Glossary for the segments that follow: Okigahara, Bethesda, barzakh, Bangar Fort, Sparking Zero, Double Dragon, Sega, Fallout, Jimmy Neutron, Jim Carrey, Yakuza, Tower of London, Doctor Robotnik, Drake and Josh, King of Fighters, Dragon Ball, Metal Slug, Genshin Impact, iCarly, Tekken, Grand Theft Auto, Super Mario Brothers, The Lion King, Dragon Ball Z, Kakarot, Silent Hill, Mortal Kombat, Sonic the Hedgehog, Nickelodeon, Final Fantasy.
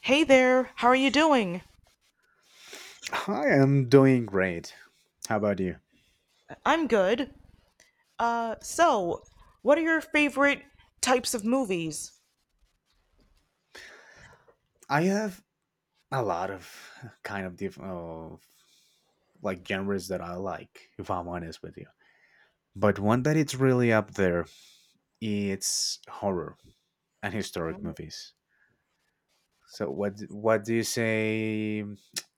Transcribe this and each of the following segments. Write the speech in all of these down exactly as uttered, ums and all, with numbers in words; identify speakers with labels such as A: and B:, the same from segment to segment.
A: Hey there, how are you doing?
B: I am doing great. How about you?
A: I'm good. Uh, so, what are your favorite types of movies?
B: I have a lot of kind of different of like genres that I like, if I'm honest with you. But one that it's really up there, it's horror and historic movies. So what what do you say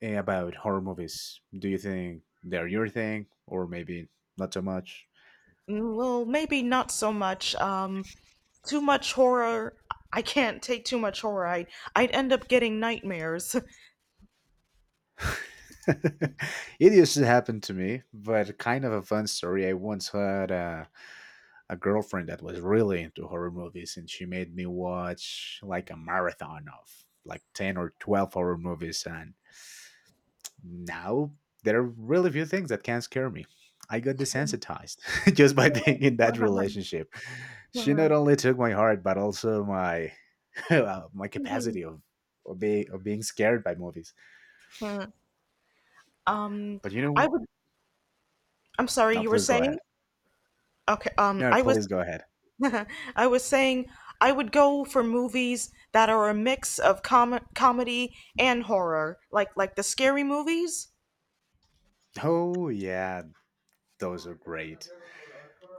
B: eh, about horror movies? Do you think they're your thing or maybe not so much?
A: Mm, Well, maybe not so much. Um, too much horror. I can't take too much horror. I, I'd end up getting nightmares.
B: It used to happen to me, but kind of a fun story. I once had a a girlfriend that was really into horror movies, and she made me watch like a marathon of like ten or twelve horror movies. And now there are really few things that can scare me. I got desensitized, just by being in that relationship. She not only took my heart, but also my uh, my capacity of of, be, of being scared by movies.
A: Um,
B: But you
A: I
B: know.
A: would. I'm sorry,
B: No,
A: you were
B: please go
A: saying?
B: ahead.
A: Okay. Um,
B: No,
A: I was.
B: please go ahead.
A: I was saying I would go for movies that are a mix of com comedy and horror, like like the scary movies.
B: Oh yeah, those are great.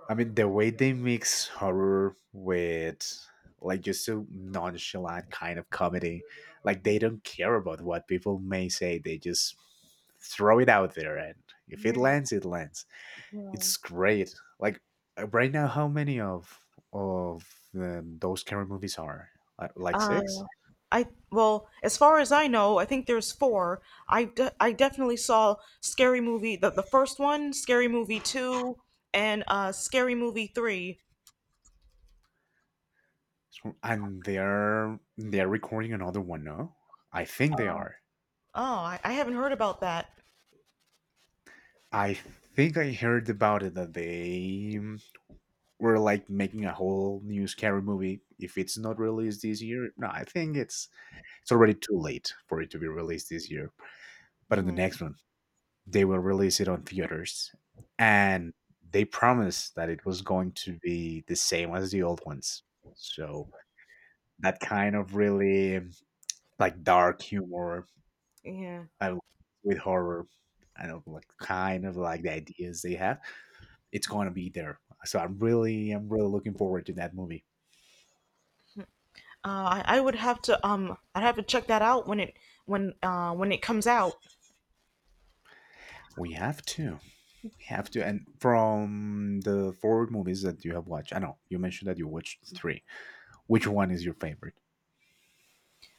B: I mean, the way they mix horror with like just a nonchalant kind of comedy, like they don't care about what people may say. They just throw it out there, and if it lands, it lands. It's great. Like uh, right now, how many of of um, those scary movies are? Uh, like
A: Uh.
B: six?
A: I well, as far as I know, I think there's four. I, de- I definitely saw Scary Movie the the first one, Scary Movie two, and uh Scary Movie three.
B: So- And they're they're recording another one. No, I think they are.
A: Oh, I, I haven't heard about that.
B: I think I heard about it that they we're like making a whole new scary movie. If it's not released this year, no, I think it's it's already too late for it to be released this year, but in the
A: Hmm.
B: next one they will release it on theaters. And they promised that it was going to be the same as the old ones, so that kind of really like dark humor,
A: Yeah,
B: uh, with horror. I don't know, like kind of like the ideas they have. It's going to be there, so I'm really, I'm really looking forward to that movie.
A: uh, I, I would have to um I'd have to check that out when it when uh when it comes out.
B: We have to. We have to. And from the forward movies that you have watched, I know you mentioned that you watched three. Which one is your favorite?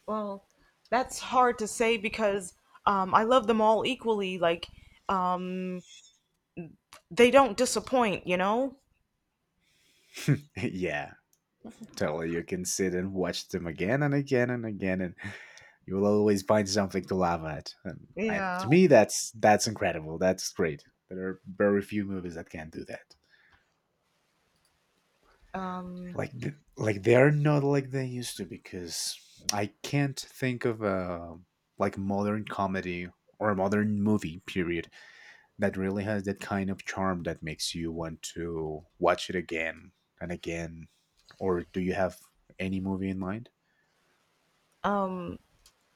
A: Well, that's hard to say because um I love them all equally. Like um they don't disappoint, you know.
B: Yeah, totally. You can sit and watch them again and again and again, and you will always find something to laugh at. And I,
A: Yeah.
B: to me, that's that's incredible. That's great. There are very few movies that can do that.
A: Um.
B: Like, th- like they are not like they used to, because I can't think of a like modern comedy, or a modern movie period, that really has that kind of charm that makes you want to watch it again and again. Or do you have any movie in mind?
A: Um.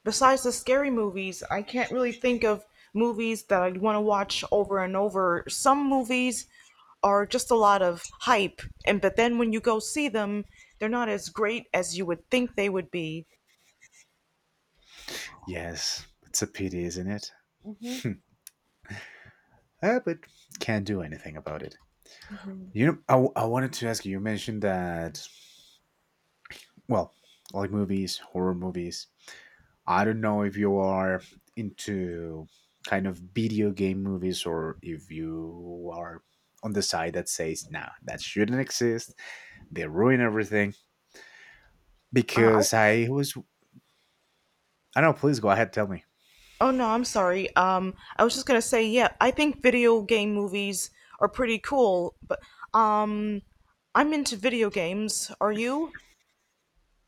A: Besides the scary movies, I can't really think of movies that I'd want to watch over and over. Some movies are just a lot of hype, and but then when you go see them, they're not as great as you would think they would be.
B: Yes, it's a pity, isn't it? Ah, but can't do anything about it. You know, I, w- I wanted to ask you, you mentioned that, well, like movies, horror movies. I don't know if you are into kind of video game movies, or if you are on the side that says, nah, that shouldn't exist. They ruin everything.
A: Uh, I,
B: Because I was, I don't know, political. I had to tell me,
A: oh no, I'm sorry. Um, I was just gonna say, yeah, I think video game movies are pretty cool, but um, I'm into video games. Are you?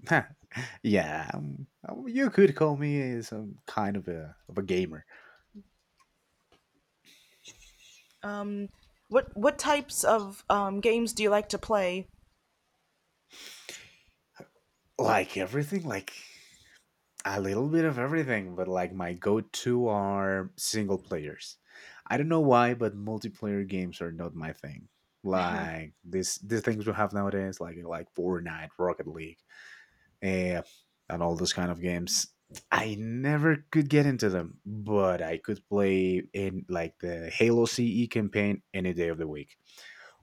B: yeah, um, um, you could call me some kind of a of a gamer,
A: Um, what what types of um, games do you like to play?
B: like everything, like a little bit of everything. But like my go to are single players. I don't know why, but multiplayer games are not my thing. Like this, these things we have nowadays, like like Fortnite, Rocket League, uh, and all those kind of games. I never could get into them, but I could play in like the Halo C E campaign any day of the week,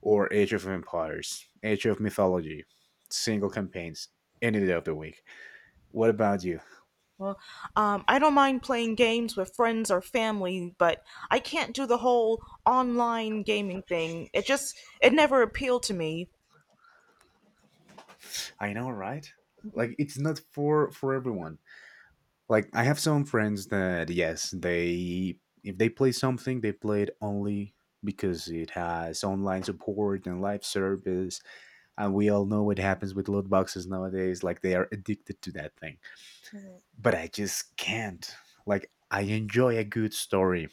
B: or Age of Empires, Age of Mythology, single campaigns any day of the week. What about you?
A: Well, um, I don't mind playing games with friends or family, but I can't do the whole online gaming thing. It just, it never appealed to me.
B: I know, right? Like it's not for for everyone. Like I have some friends that yes, they, if they play something, they play it only because it has online support and live service, and we all know what happens with loot boxes nowadays. Like they are addicted to that thing, but I just can't. Like I enjoy a good story.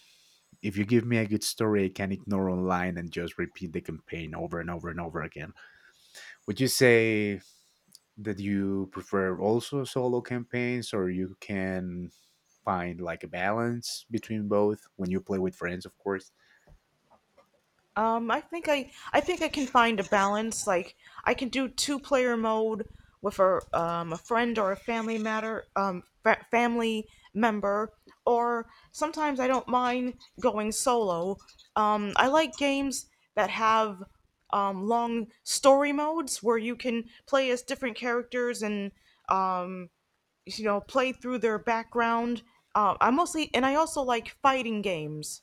B: If you give me a good story, I can ignore online and just repeat the campaign over and over and over again. Would you say that you prefer also solo campaigns, or you can find like a balance between both when you play with friends, of course?
A: Um, I think I I think I can find a balance. Like I can do two player mode with a um, a friend or a family matter um fa- family member, or sometimes I don't mind going solo. Um, I like games that have um, long story modes where you can play as different characters and um, you know play through their background. Uh, I mostly and I also like fighting games.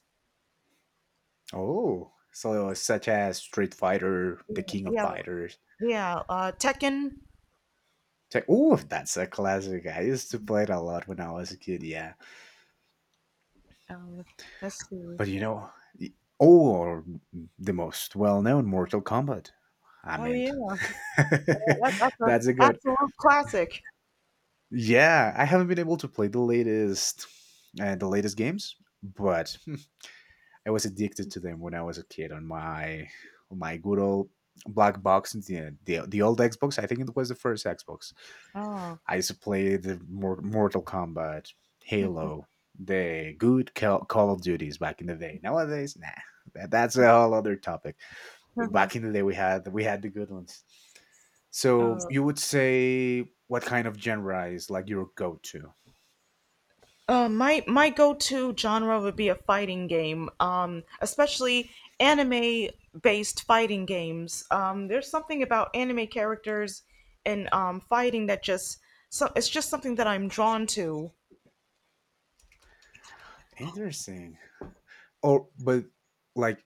B: Oh, so such as Street Fighter, The King of
A: Yeah,
B: Fighters.
A: yeah. Uh, Tekken.
B: Te- oh, that's a classic. I used to play it a lot when I was a kid, yeah.
A: Um, let's see.
B: But you know, y- or the most well known, Mortal Kombat. I
A: Oh
B: mean,
A: yeah, wow, that, that's a
B: that's a good.
A: absolute classic.
B: Yeah, I haven't been able to play the latest, uh, the latest games, but I was addicted to them when I was a kid on my on my good old black box, the the, the old Xbox. I think it was the first Xbox.
A: Oh,
B: I used to play the Mortal Kombat, Halo, the good Call of Duties back in the day. Nowadays, nah, that, that's a whole other topic. But back in the day, we had we had the good ones. So
A: uh,
B: you would say what kind of genre is like your go-to?
A: uh, my my go-to genre would be a fighting game, um, especially anime-based fighting games. Um, there's something about anime characters and um, fighting that just so it's just something that I'm drawn to.
B: Interesting. Or but like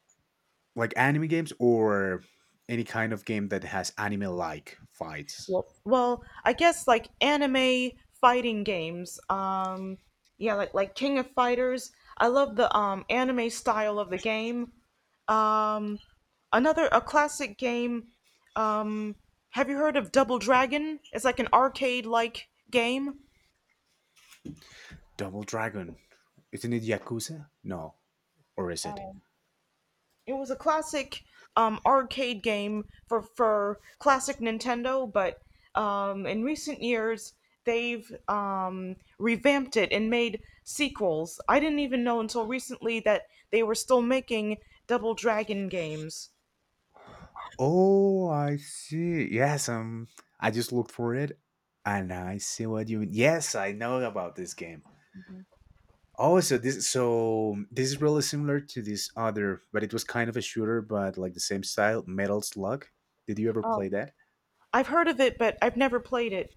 B: like anime games, or any kind of game that has anime-like fights.
A: Well, well, I guess like anime fighting games. Um, yeah, like like King of Fighters. I love the um anime style of the game. Um, another a classic game. Um, have you heard of Double Dragon? It's like an arcade like game.
B: Double Dragon. Isn't it Yakuza? No, or is it?
A: It was a classic um, arcade game for for classic Nintendo, but um, in recent years they've um, revamped it and made sequels. I didn't even know until recently that they were still making Double Dragon games.
B: Oh, I see. Yes, um, I just looked for it, and I see what you mean. Yes, I know about this game. Oh, so this, so um, this is really similar to this other, but it was kind of a shooter, but like the same style, Metal Slug. Did you ever play
A: Oh,
B: that?
A: I've heard of it, but I've never played it.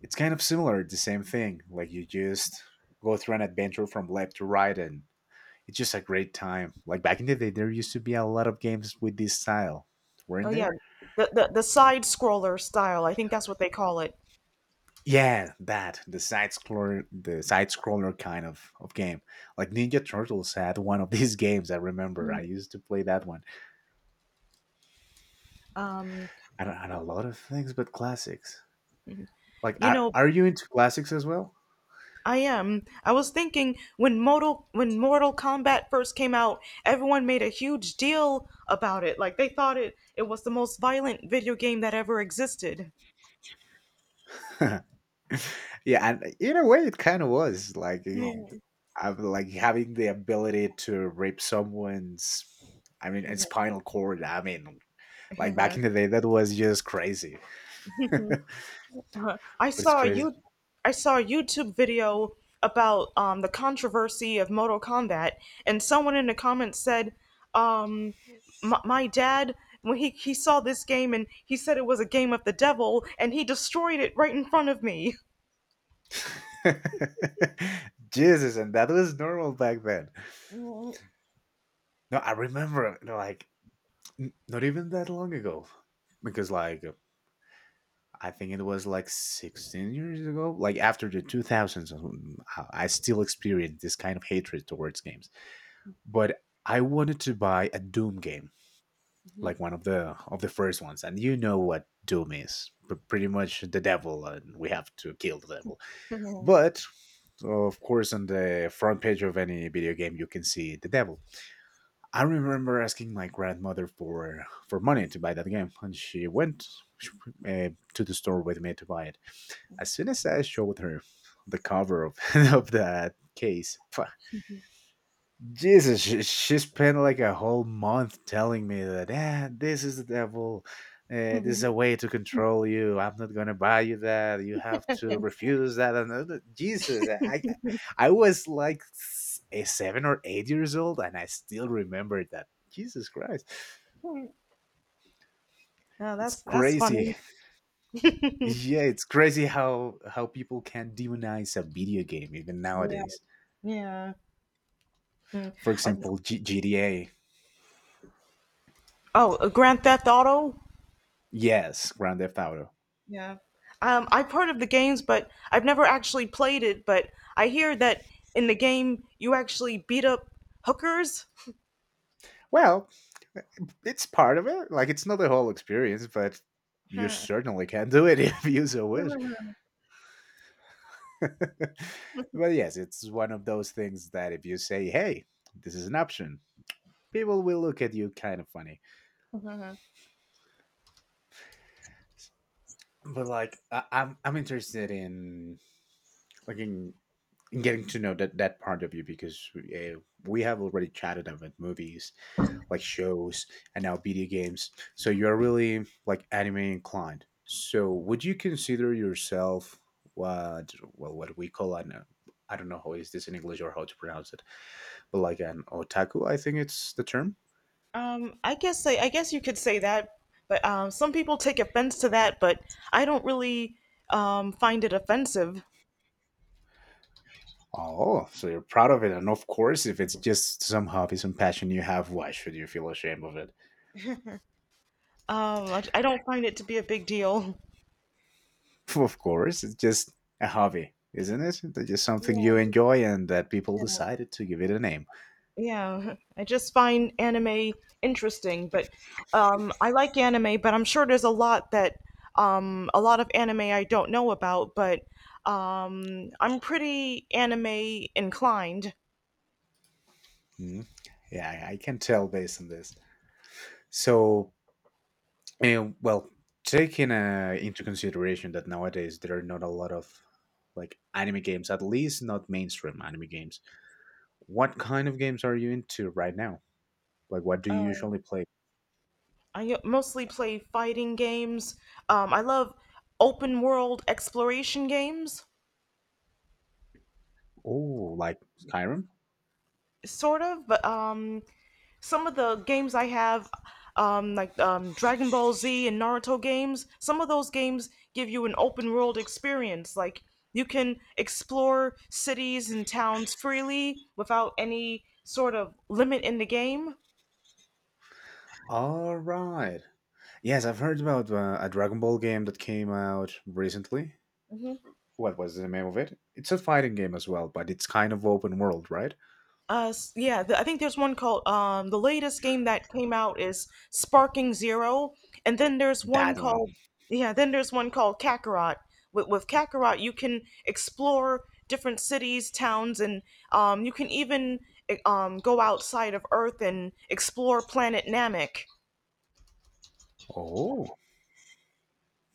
B: It's kind of similar, the same thing. Like you just go through an adventure from left to right, and it's just a great time. Like back in the day, there used to be a lot of games with this style,
A: Oh
B: weren't
A: yeah,
B: they?
A: the the, the side scroller style. I think that's what they call it.
B: Yeah, that the side scroller, the side scroller kind of of game. Like Ninja Turtles had one of these games. I remember I used to play that one,
A: Um,
B: and, and a lot of things, but classics. Like,
A: you
B: are
A: know,
B: are you into classics as well?
A: I am. I was thinking when Mortal when Mortal Kombat first came out, everyone made a huge deal about it. Like they thought it it was the most violent video game that ever existed.
B: Yeah, and in a way, it kind of was like, I like having the ability to rip someone's, I mean, a spinal cord. I mean, like back
A: Yeah.
B: in the day, that was just crazy.
A: Uh-huh. I
B: It's
A: saw
B: crazy.
A: you I saw a YouTube video about um, the controversy of Mortal Kombat, and someone in the comments said, um, my, "My dad." When he, he saw this game and he said it was a game of the devil and he destroyed it right in front of me.
B: Jesus, and that was normal back then. No, I remember no, like n- not even that long ago, because like I think it was like sixteen years ago, like after the two thousands. um, I I still experienced this kind of hatred towards games. But I wanted to buy a Doom game, like one of the of the first ones, and you know what Doom is, p- pretty much the devil, and we have to kill the devil. But of course on the front page of any video game you can see the devil. I remember asking my grandmother for for money to buy that game, and she went uh, to the store with me to buy it. As soon as I showed her the cover of, of that case, pah, Jesus, she, she spent like a whole month telling me that eh, this is the devil. Uh, this is a way to control you. I'm not gonna buy you that. You have to refuse that. And uh, Jesus, I, I I was like s- a seven or eight years old, and I still remember that. Jesus Christ,
A: No,
B: it's
A: that's that's funny.
B: crazy. Yeah, it's crazy how how people can demonize a video game even
A: Yeah,
B: nowadays.
A: yeah. Hmm.
B: For
A: I,
B: example, G- GTA.
A: oh, uh, Grand Theft Auto.
B: Yes, Grand Theft Auto.
A: Yeah, um, I've heard of the games, but I've never actually played it. But I hear that in the game you actually beat up hookers.
B: Well, it's part of it. Like it's not the whole experience, but you
A: Huh.
B: certainly can do it if you so wish. But yes, it's one of those things that if you say, "Hey, this is an option," people will look at you kind of funny. But like, I- I'm I'm interested in like in, in getting to know that that part of you, because uh, we have already chatted about movies, like shows, and now video games. So you're really like anime inclined. So would you consider yourself what well what we call an uh, I don't know how is this in English or how to pronounce it, but like an otaku, I think it's the term.
A: um, I guess I, I guess you could say that, but um, some people take offense to that, but I don't really um, find it offensive.
B: Oh, so you're proud of it, and of course, if it's just some hobby, some passion you have, why should you feel ashamed of it?
A: Um, I, I don't find it to be a big deal.
B: Of course, it's just a hobby, isn't it? It's just something you
A: Yeah.
B: enjoy, and that people decided to give it a name.
A: Yeah, I just find anime interesting, but um, I like anime, but I'm sure there's a lot that um, a lot of anime I don't know about, but um, I'm pretty anime inclined.
B: Hmm. Yeah, I I can tell based on this. So, uh, well, taking uh, into consideration that nowadays there are not a lot of like anime games, at least not mainstream anime games. What kind of games are you into right now? Like, what do you
A: Uh,
B: usually play?
A: I mostly play fighting games. Um, I love open world exploration games,
B: Oh, like Skyrim?
A: sort of, but um, some of the games I have, um, like um, Dragon Ball Z and Naruto games, some of those games give you an open world experience. Like you can explore cities and towns freely without any sort of limit in the game.
B: All right. Yes, I've heard about uh, a Dragon Ball game that came out recently. What was the name of it? It's a fighting game as well, but it's kind of open world, right?
A: Uh, s- yeah, the, I think there's one called um the latest game that came out is Sparking Zero, and then there's one
B: That one.
A: called yeah, then there's one called Kakarot. With with Kakarot, you can explore different cities, towns, and um you can even eh, um go outside of Earth and explore planet Namek.
B: Oh,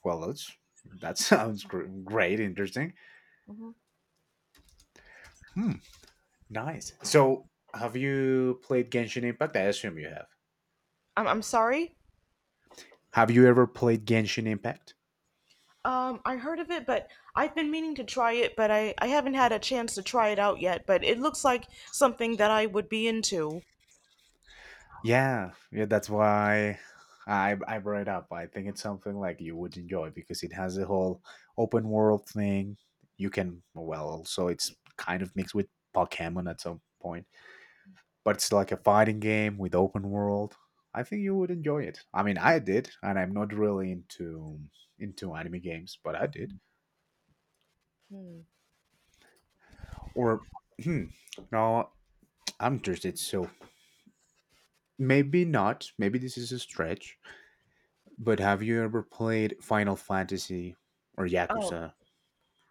B: well, that's that sounds gr- great, interesting. Hmm. Nice. So, have you played Genshin Impact? I assume you have.
A: I'm I'm sorry.
B: Have you ever played Genshin Impact?
A: Um, I heard of it, but I've been meaning to try it, but I, I haven't had a chance to try it out yet. But it looks like something that I would be into.
B: Yeah, yeah. That's why I I brought it up. I think it's something like you would enjoy because it has a whole open world thing. You can well, also it's kind of mixed with Pokemon at some point, but it's like a fighting game with open world. I think you would enjoy it. I mean, I did, and I'm not really into into anime games, but I did. Or hmm, no, I'm interested. So maybe not. Maybe this is a stretch. But have you ever played Final Fantasy or
A: Oh.
B: Yakuza?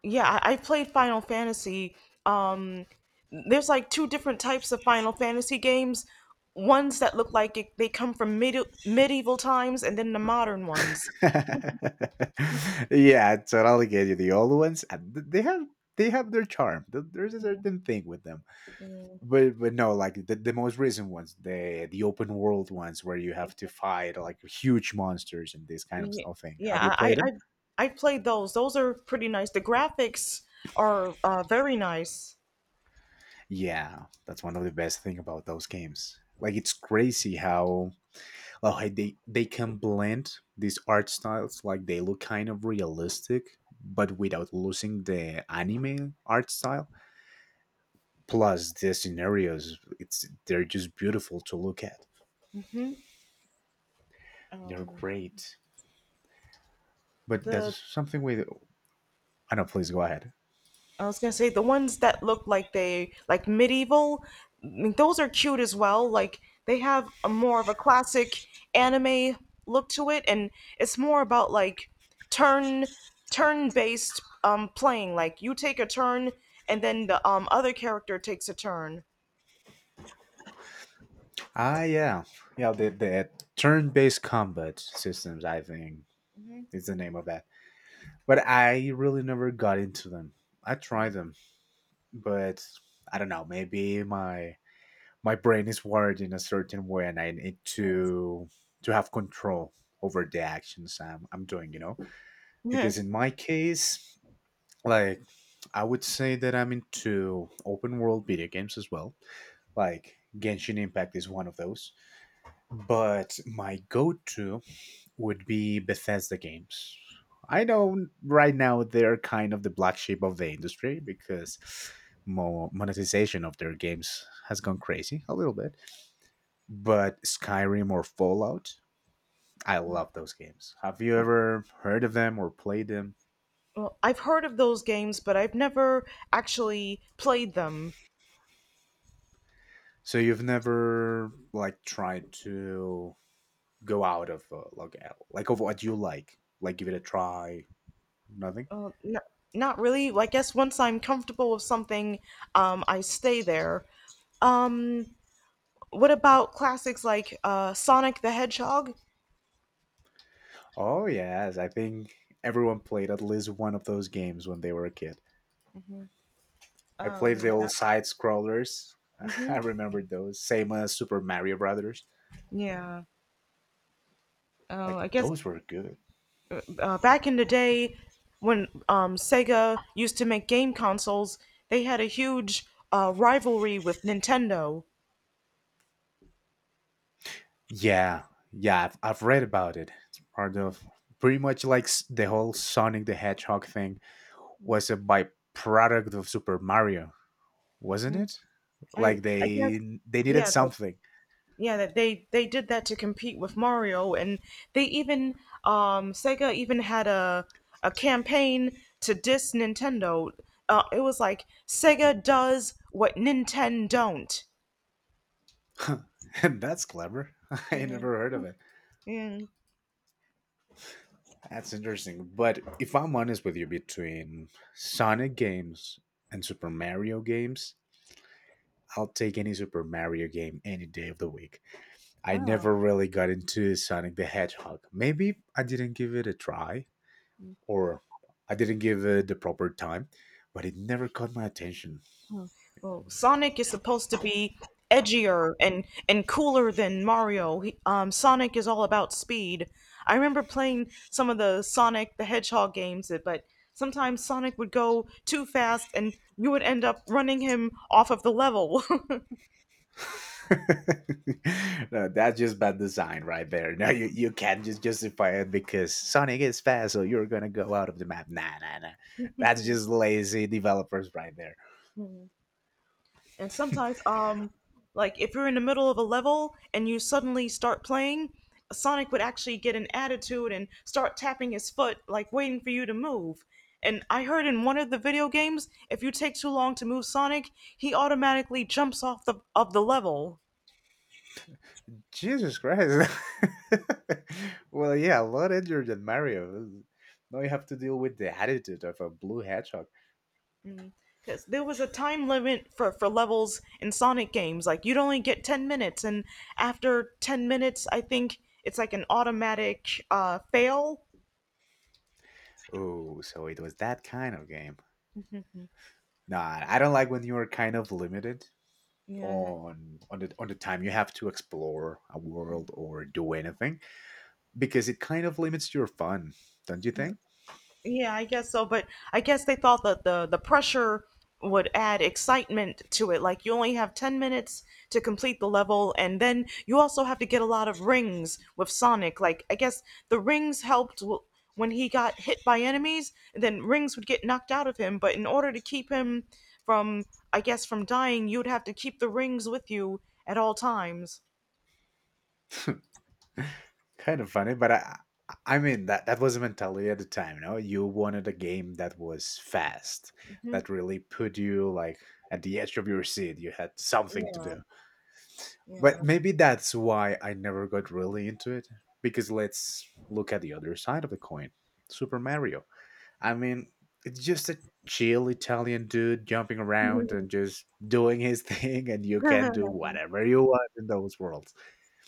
A: yeah I, I played Final Fantasy um there's like two different types of Final Fantasy games, ones that look like it, they come from medi- medieval times, and then the modern ones.
B: Yeah, totally get you. The old ones, uh, th- they have they have their charm. Th- There's a
A: Yeah,
B: certain thing with them. But but no, like the, the most recent ones, the the open world ones where you have to fight like huge monsters and this kind
A: yeah.
B: of,
A: yeah,
B: of thing. Have you
A: yeah I,
B: played them?
A: I i played those. Those are pretty nice. The graphics are uh, very nice.
B: Yeah, that's one of the best thing about those games. Like it's crazy how well hey, they they can blend these art styles like they look kind of realistic but without losing the anime art style plus the scenarios it's they're just beautiful to look at.
A: Hmm.
B: They're
A: um,
B: great, but
A: the
B: that's something with. I know, please go ahead.
A: I was gonna say the ones that look like they like medieval, I mean, those are cute as well. Like they have a more of a classic anime look to it, and it's more about like turn turn based um playing. Like you take a turn, and then the um other character takes a turn.
B: Ah yeah, yeah the, the turn-based combat systems, I think,
A: Hmm.
B: is the name of that, but I really never got into them. I tried them, but I don't know, maybe my my brain is wired in a certain way and I need to to have control over the actions i'm, I'm doing, you know.
A: Yeah.
B: Because in my case, like, I would say that I'm into open world video games as well, like Genshin Impact is one of those. But my go-to would be Bethesda games. I know right now they're kind of the black sheep of the industry because mo- monetization of their games has gone crazy a little bit, but Skyrim or Fallout, I love those games. Have you ever heard of them or played them?
A: Well, I've heard of those games, but I've never actually played them.
B: So you've never like tried to go out of uh, like uh, like of what you like, like give it a try, nothing.
A: Uh, n- not really. Well, I guess once I'm comfortable with something, um, I stay there. Um, what about classics like uh, Sonic the Hedgehog?
B: Oh yes, I think everyone played at least one of those games when they were a kid.
A: Hmm.
B: I played the
A: Um, yeah.
B: old side scrollers. I
A: Hmm.
B: remember those, same as Super Mario Brothers.
A: Yeah. Uh,
B: Like
A: I guess
B: those were good.
A: uh, back in the day when um, Sega used to make game consoles, they had a huge uh, rivalry with Nintendo.
B: Yeah, yeah, I've, I've read about it. It's part of pretty much like s- the whole Sonic the Hedgehog thing was a byproduct of Super Mario, wasn't it?
A: I
B: Like
A: I guess
B: they they needed
A: yeah.
B: something.
A: yeah that they they did that to compete with Mario, and they even um Sega even had a a campaign to diss Nintendo. Uh, it was like Sega does what Nintendo don't.
B: And that's clever. I
A: Yeah,
B: never heard of it.
A: yeah,
B: That's interesting. But if I'm honest with you, between Sonic games and Super Mario games, I'll take any Super Mario game any day of the week. I
A: wow.
B: never really got into Sonic the Hedgehog. Maybe I didn't give it a try or I didn't give it the proper time, but it never caught my attention.
A: Oh, well, Sonic is supposed to be edgier and and cooler than Mario. He, um, Sonic is all about speed. I remember playing some of the Sonic the Hedgehog games, that- but sometimes Sonic would go too fast, and you would end up running him off of the level.
B: No, that's just bad design right there. No, you, you can't just justify it because Sonic is fast, so you're gonna go out of the map. Nah, nah, nah. That's just lazy developers right there.
A: And sometimes, um, like if you're in the middle of a level and you suddenly start playing, Sonic would actually get an attitude and start tapping his foot, like waiting for you to move. And I heard in one of the video games, if you take too long to move Sonic, he automatically jumps off the of the level.
B: Jesus Christ. Well, yeah, a lot easier than Mario. Now you have to deal with the attitude of a blue hedgehog.
A: Because there was a time limit for, for levels in Sonic games. Like, you'd only get ten minutes, and after ten minutes, I think it's like an automatic uh, fail.
B: Oh, so it was that kind of game. Nah, I don't like when you are kind of limited
A: Yeah,
B: on on the on the time you have to explore a world or do anything, because it kind of limits your fun, don't you think?
A: yeah, I guess so, but I guess they thought that the the pressure would add excitement to it. Like you only have ten minutes to complete the level and then you also have to get a lot of rings with Sonic. Like I guess the rings helped w- when he got hit by enemies, and then rings would get knocked out of him, but in order to keep him from I guess from dying, you'd have to keep the rings with you at all times.
B: Kind of funny, but I I mean that that was a mentality at the time, you know. You wanted a game that was fast,
A: Hmm.
B: that really put you like at the edge of your seat. You had something to do.
A: Yeah.
B: But maybe that's why I never got really into it. Because let's look at the other side of the coin, Super Mario. I mean, it's just a chill Italian dude jumping around and just doing his thing, and you can do whatever you want in those worlds.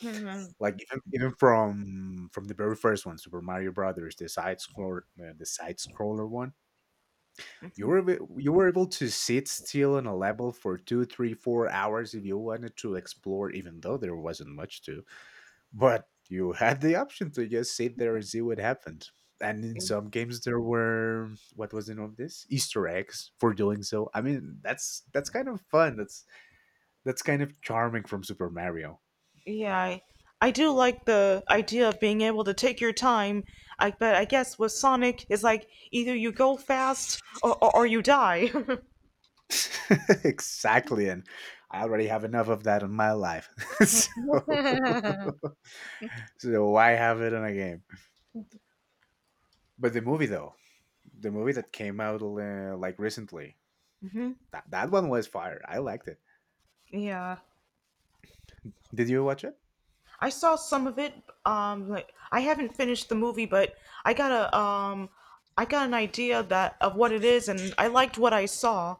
B: Like even, even from from the very first one, Super Mario Brothers, the side scroller, uh, the side scroller one. You were ab- you were able to sit still on a level for two, three, four hours if you wanted to explore, even though there wasn't much to, but you had the option to just sit there and see what happened. And in some games there were, what was the name of this? Easter eggs for doing so. I mean, that's that's kind of fun. That's that's kind of charming from Super Mario.
A: Yeah, I, I do like the idea of being able to take your time. I but I guess with Sonic, it's like either you go fast or, or, or you die.
B: Exactly. And I already have enough of that in my life. So so why have it in a game? But the movie though, the movie that came out uh, like recently,
A: Hmm,
B: that, that one was fire. I liked it.
A: yeah,
B: Did you watch it?
A: I saw some of it. Um, like I haven't finished the movie, but I got a um, I got an idea that of what it is, and I liked what I saw.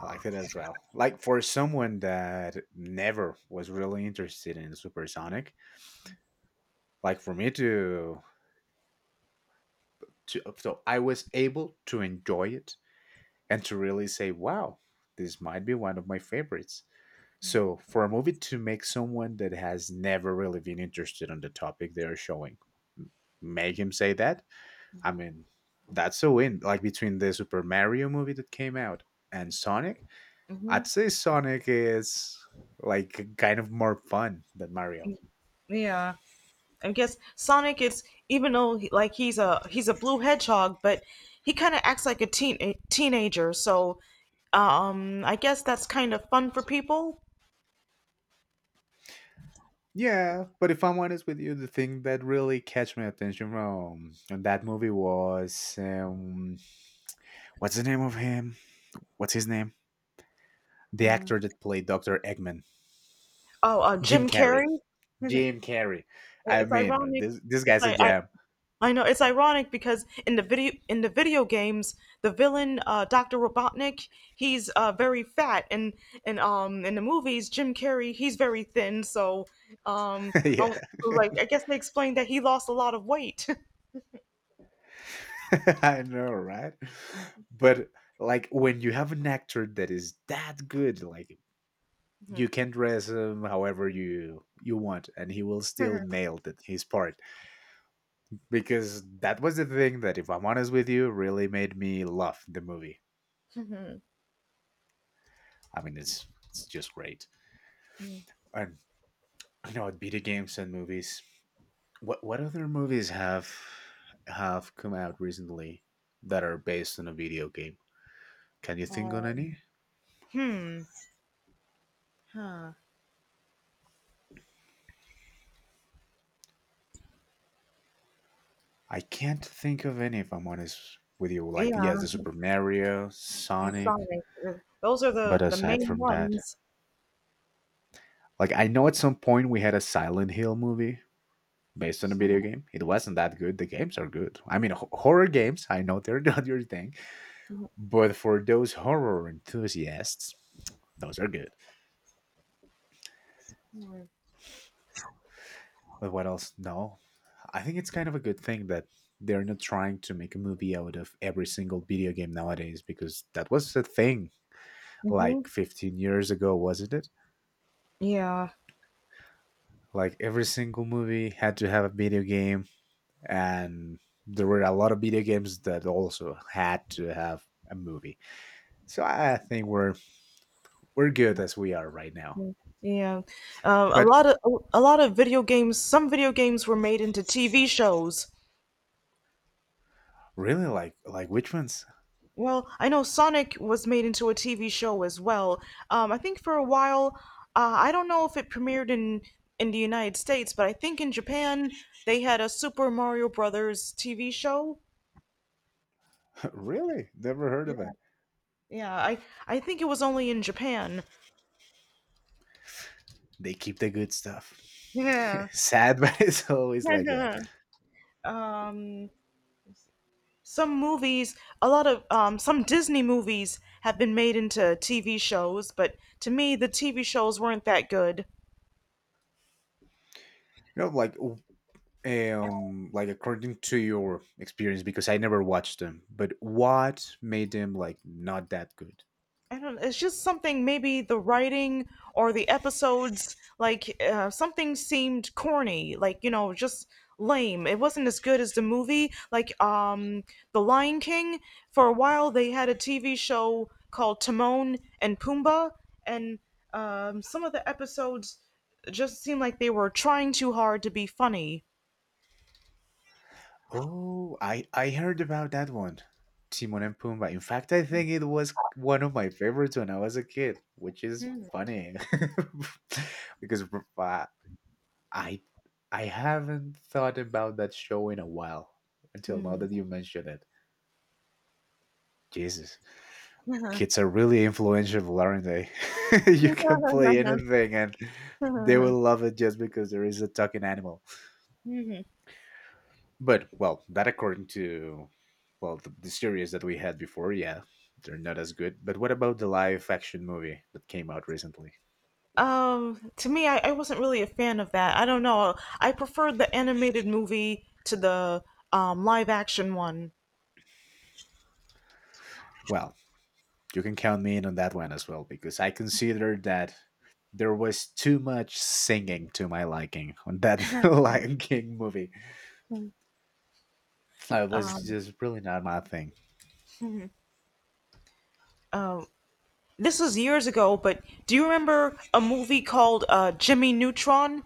B: I liked it as well. Like for someone that never was really interested in Supersonic, like for me to to so I was able to enjoy it and to really say, "Wow, this might be one of my favorites." So for a movie to make someone that has never really been interested on the topic they are showing, m- make him say that. I mean, that's a win. Like between the Super Mario movie that came out and Sonic, I'd say Sonic is like kind of more fun than Mario.
A: Yeah. I guess Sonic is even though he- like he's a he's a blue hedgehog, but he kind of acts like a teen a teenager. So um, I guess that's kind of fun for people.
B: Yeah, but if I'm honest with you, the thing that really catch my attention from that movie was um, what's the name of him? What's his name? The
A: Mm.
B: actor that played Doctor Eggman,
A: Oh, uh,
B: Jim
A: Jim
B: Carrey.
A: Carrey.
B: Jim Carrey. I
A: It's
B: mean,
A: ironic.
B: this this
A: It's
B: guy's a
A: like I,
B: gem.
A: I know it's ironic because in the video in the video games, the villain uh, Doctor Robotnik, he's uh, very fat, and and um in the movies, Jim Carrey, he's very thin. So um, I
B: Yeah,
A: was like I guess they explained that he lost a lot of weight.
B: I know, right? But like when you have an actor that is that good, like you can dress him however you you want and he will still nail that his part, because that was the thing that, if I'm honest with you, really made me love the movie.
A: Mhm.
B: I mean, it's it's just great. And you know, video games and movies, what what other movies have have come out recently that are based on a video game? Can you think on
A: um,
B: any?
A: hmm. Huh.
B: I can't think of any if I'm honest with you. Like yes, the
A: Yeah.
B: Super Mario,
A: And
B: Sonic,
A: Sonic. uh, Those are
B: but
A: the the
B: aside
A: main
B: from that.
A: ones.
B: Like I know at some point we had a Silent Hill movie based on a video game. It wasn't that good. The games are good. I mean, ho- horror games. I know they're not your thing, but for those horror enthusiasts, those are good. But what else? No, I think it's kind of a good thing that they're not trying to make a movie out of every single video game nowadays, because that was the thing like
A: Mm-hmm.
B: fifteen years ago, wasn't it?
A: Yeah.
B: Like every single movie had to have a video game, and there were a lot of video games that also had to have a movie. So I think we're we're good as we are right now.
A: Yeah, um, a
B: But
A: lot of a lot of video games. Some video games were made into T V shows.
B: really, like like which ones?
A: Well, I know Sonic was made into a T V show as well. Um, I think for a while, uh, I don't know if it premiered in in the United States, but I think in Japan they had a Super Mario Brothers T V show.
B: Really, never heard
A: Yeah,
B: of it.
A: yeah. I I think it was only in Japan.
B: They keep the good stuff.
A: Yeah.
B: Sad, but it's always like that.
A: um, some movies, a lot of um, some Disney movies have been made into T V shows, but to me, the T V shows weren't that good.
B: You know, like um, like according to your experience, because I never watched them. But what made them like not that good?
A: I don't. It's just something. Maybe the writing or the episodes, like uh, something seemed corny. Like you know, just lame. It wasn't as good as the movie. Like um, The Lion King. For a while, they had a T V show called Timon and Pumbaa, and um, some of the episodes just seemed like they were trying too hard to be funny.
B: Oh, I I heard about that one, Timon and Pumbaa. In fact, I think it was one of my favorites when I was a kid, which is funny because uh, I I haven't thought about that show in a while until now that you mention it. Jesus, kids are really influential, aren't they? You can play anything and they will love it just because there is a talking animal. But well, that according to, well the, the series that we had before, yeah, they're not as good. But what about the live action movie that came out recently?
A: Um, to me, I, I wasn't really a fan of that. I don't know. I preferred the animated movie to the um, live action one.
B: Well, you can count me in on that one as well, because I consider that there was too much singing to my liking on that Lion King movie. Uh, It was
A: Um,
B: just really not my thing.
A: uh, this was years ago, but do you remember a movie called uh, Jimmy Neutron?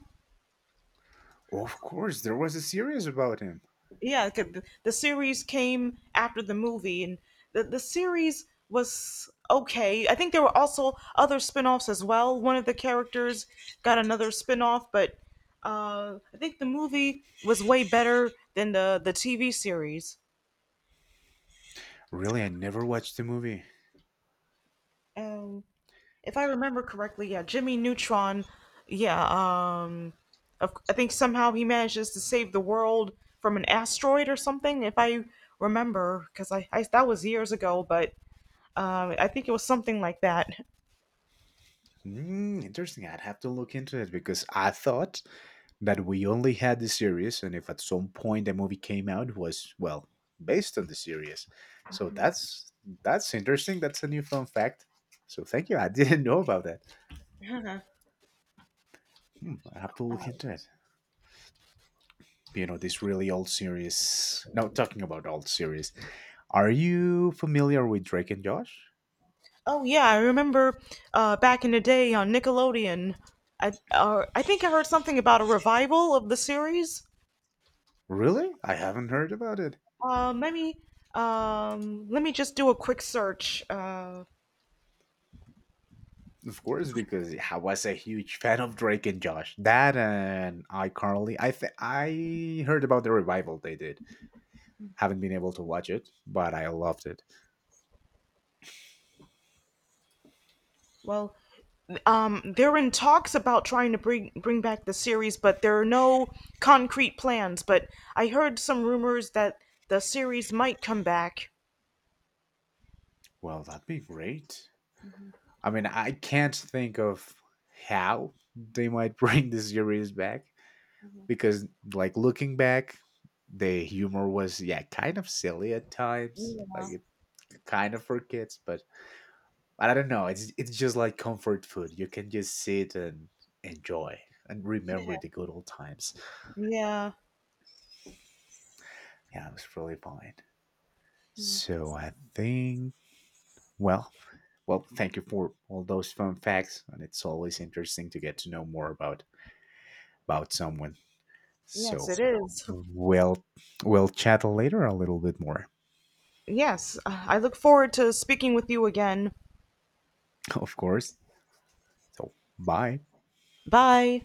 B: Of course, there was a series about him.
A: Yeah, 'cause the the series came after the movie, and the, the series was okay. I think there were also other spin-offs as well. One of the characters got another spin-off, but uh, I think the movie was way better than the, the TV series.
B: Really, I never watched the movie.
A: And if I remember correctly, yeah, Jimmy Neutron, yeah, um, of- I think somehow he manages to save the world from an asteroid or something if I remember, because I, I that was years ago, but Um, I think it was something like that.
B: Mm, interesting. I'd have to look into it because I thought that we only had the series, and if at some point the movie came out, was well based on the series. So that's that's interesting. That's a new fun fact. So thank you. I didn't know about that. Hmm, I have to look into it. You know, this really old series. No, talking about old series. Are you familiar with Drake and Josh?
A: Oh yeah, I remember uh, back in the day on Nickelodeon. I uh, I think I heard something about a revival of the series.
B: Really? I haven't heard about it.
A: Um, let me um, let me just do a quick search. Uh,
B: Of course, because I was a huge fan of Drake and Josh. That and iCarly. I th- I heard about the revival they did. Haven't been able to watch it, but I loved it.
A: well, um, they're in talks about trying to bring bring back the series, but there are no concrete plans. But I heard some rumors that the series might come back.
B: Well, that'd be great. I mean, I can't think of how they might bring the series back because, like, looking back, the humor was, yeah, kind of silly at times. Like,
A: Yeah.
B: it kind of for kids, but I don't know. It's it's just like comfort food. You can just sit and enjoy and remember the good old times.
A: Yeah.
B: Yeah, it was really fun. So I think. Well, well, thank you for all those fun facts, and it's always interesting to get to know more about about someone.
A: Yes,
B: So,
A: it is.
B: we'll we'll chat later a little bit more,
A: Yes, I look forward to speaking with you again.
B: of course. So, bye.
A: Bye.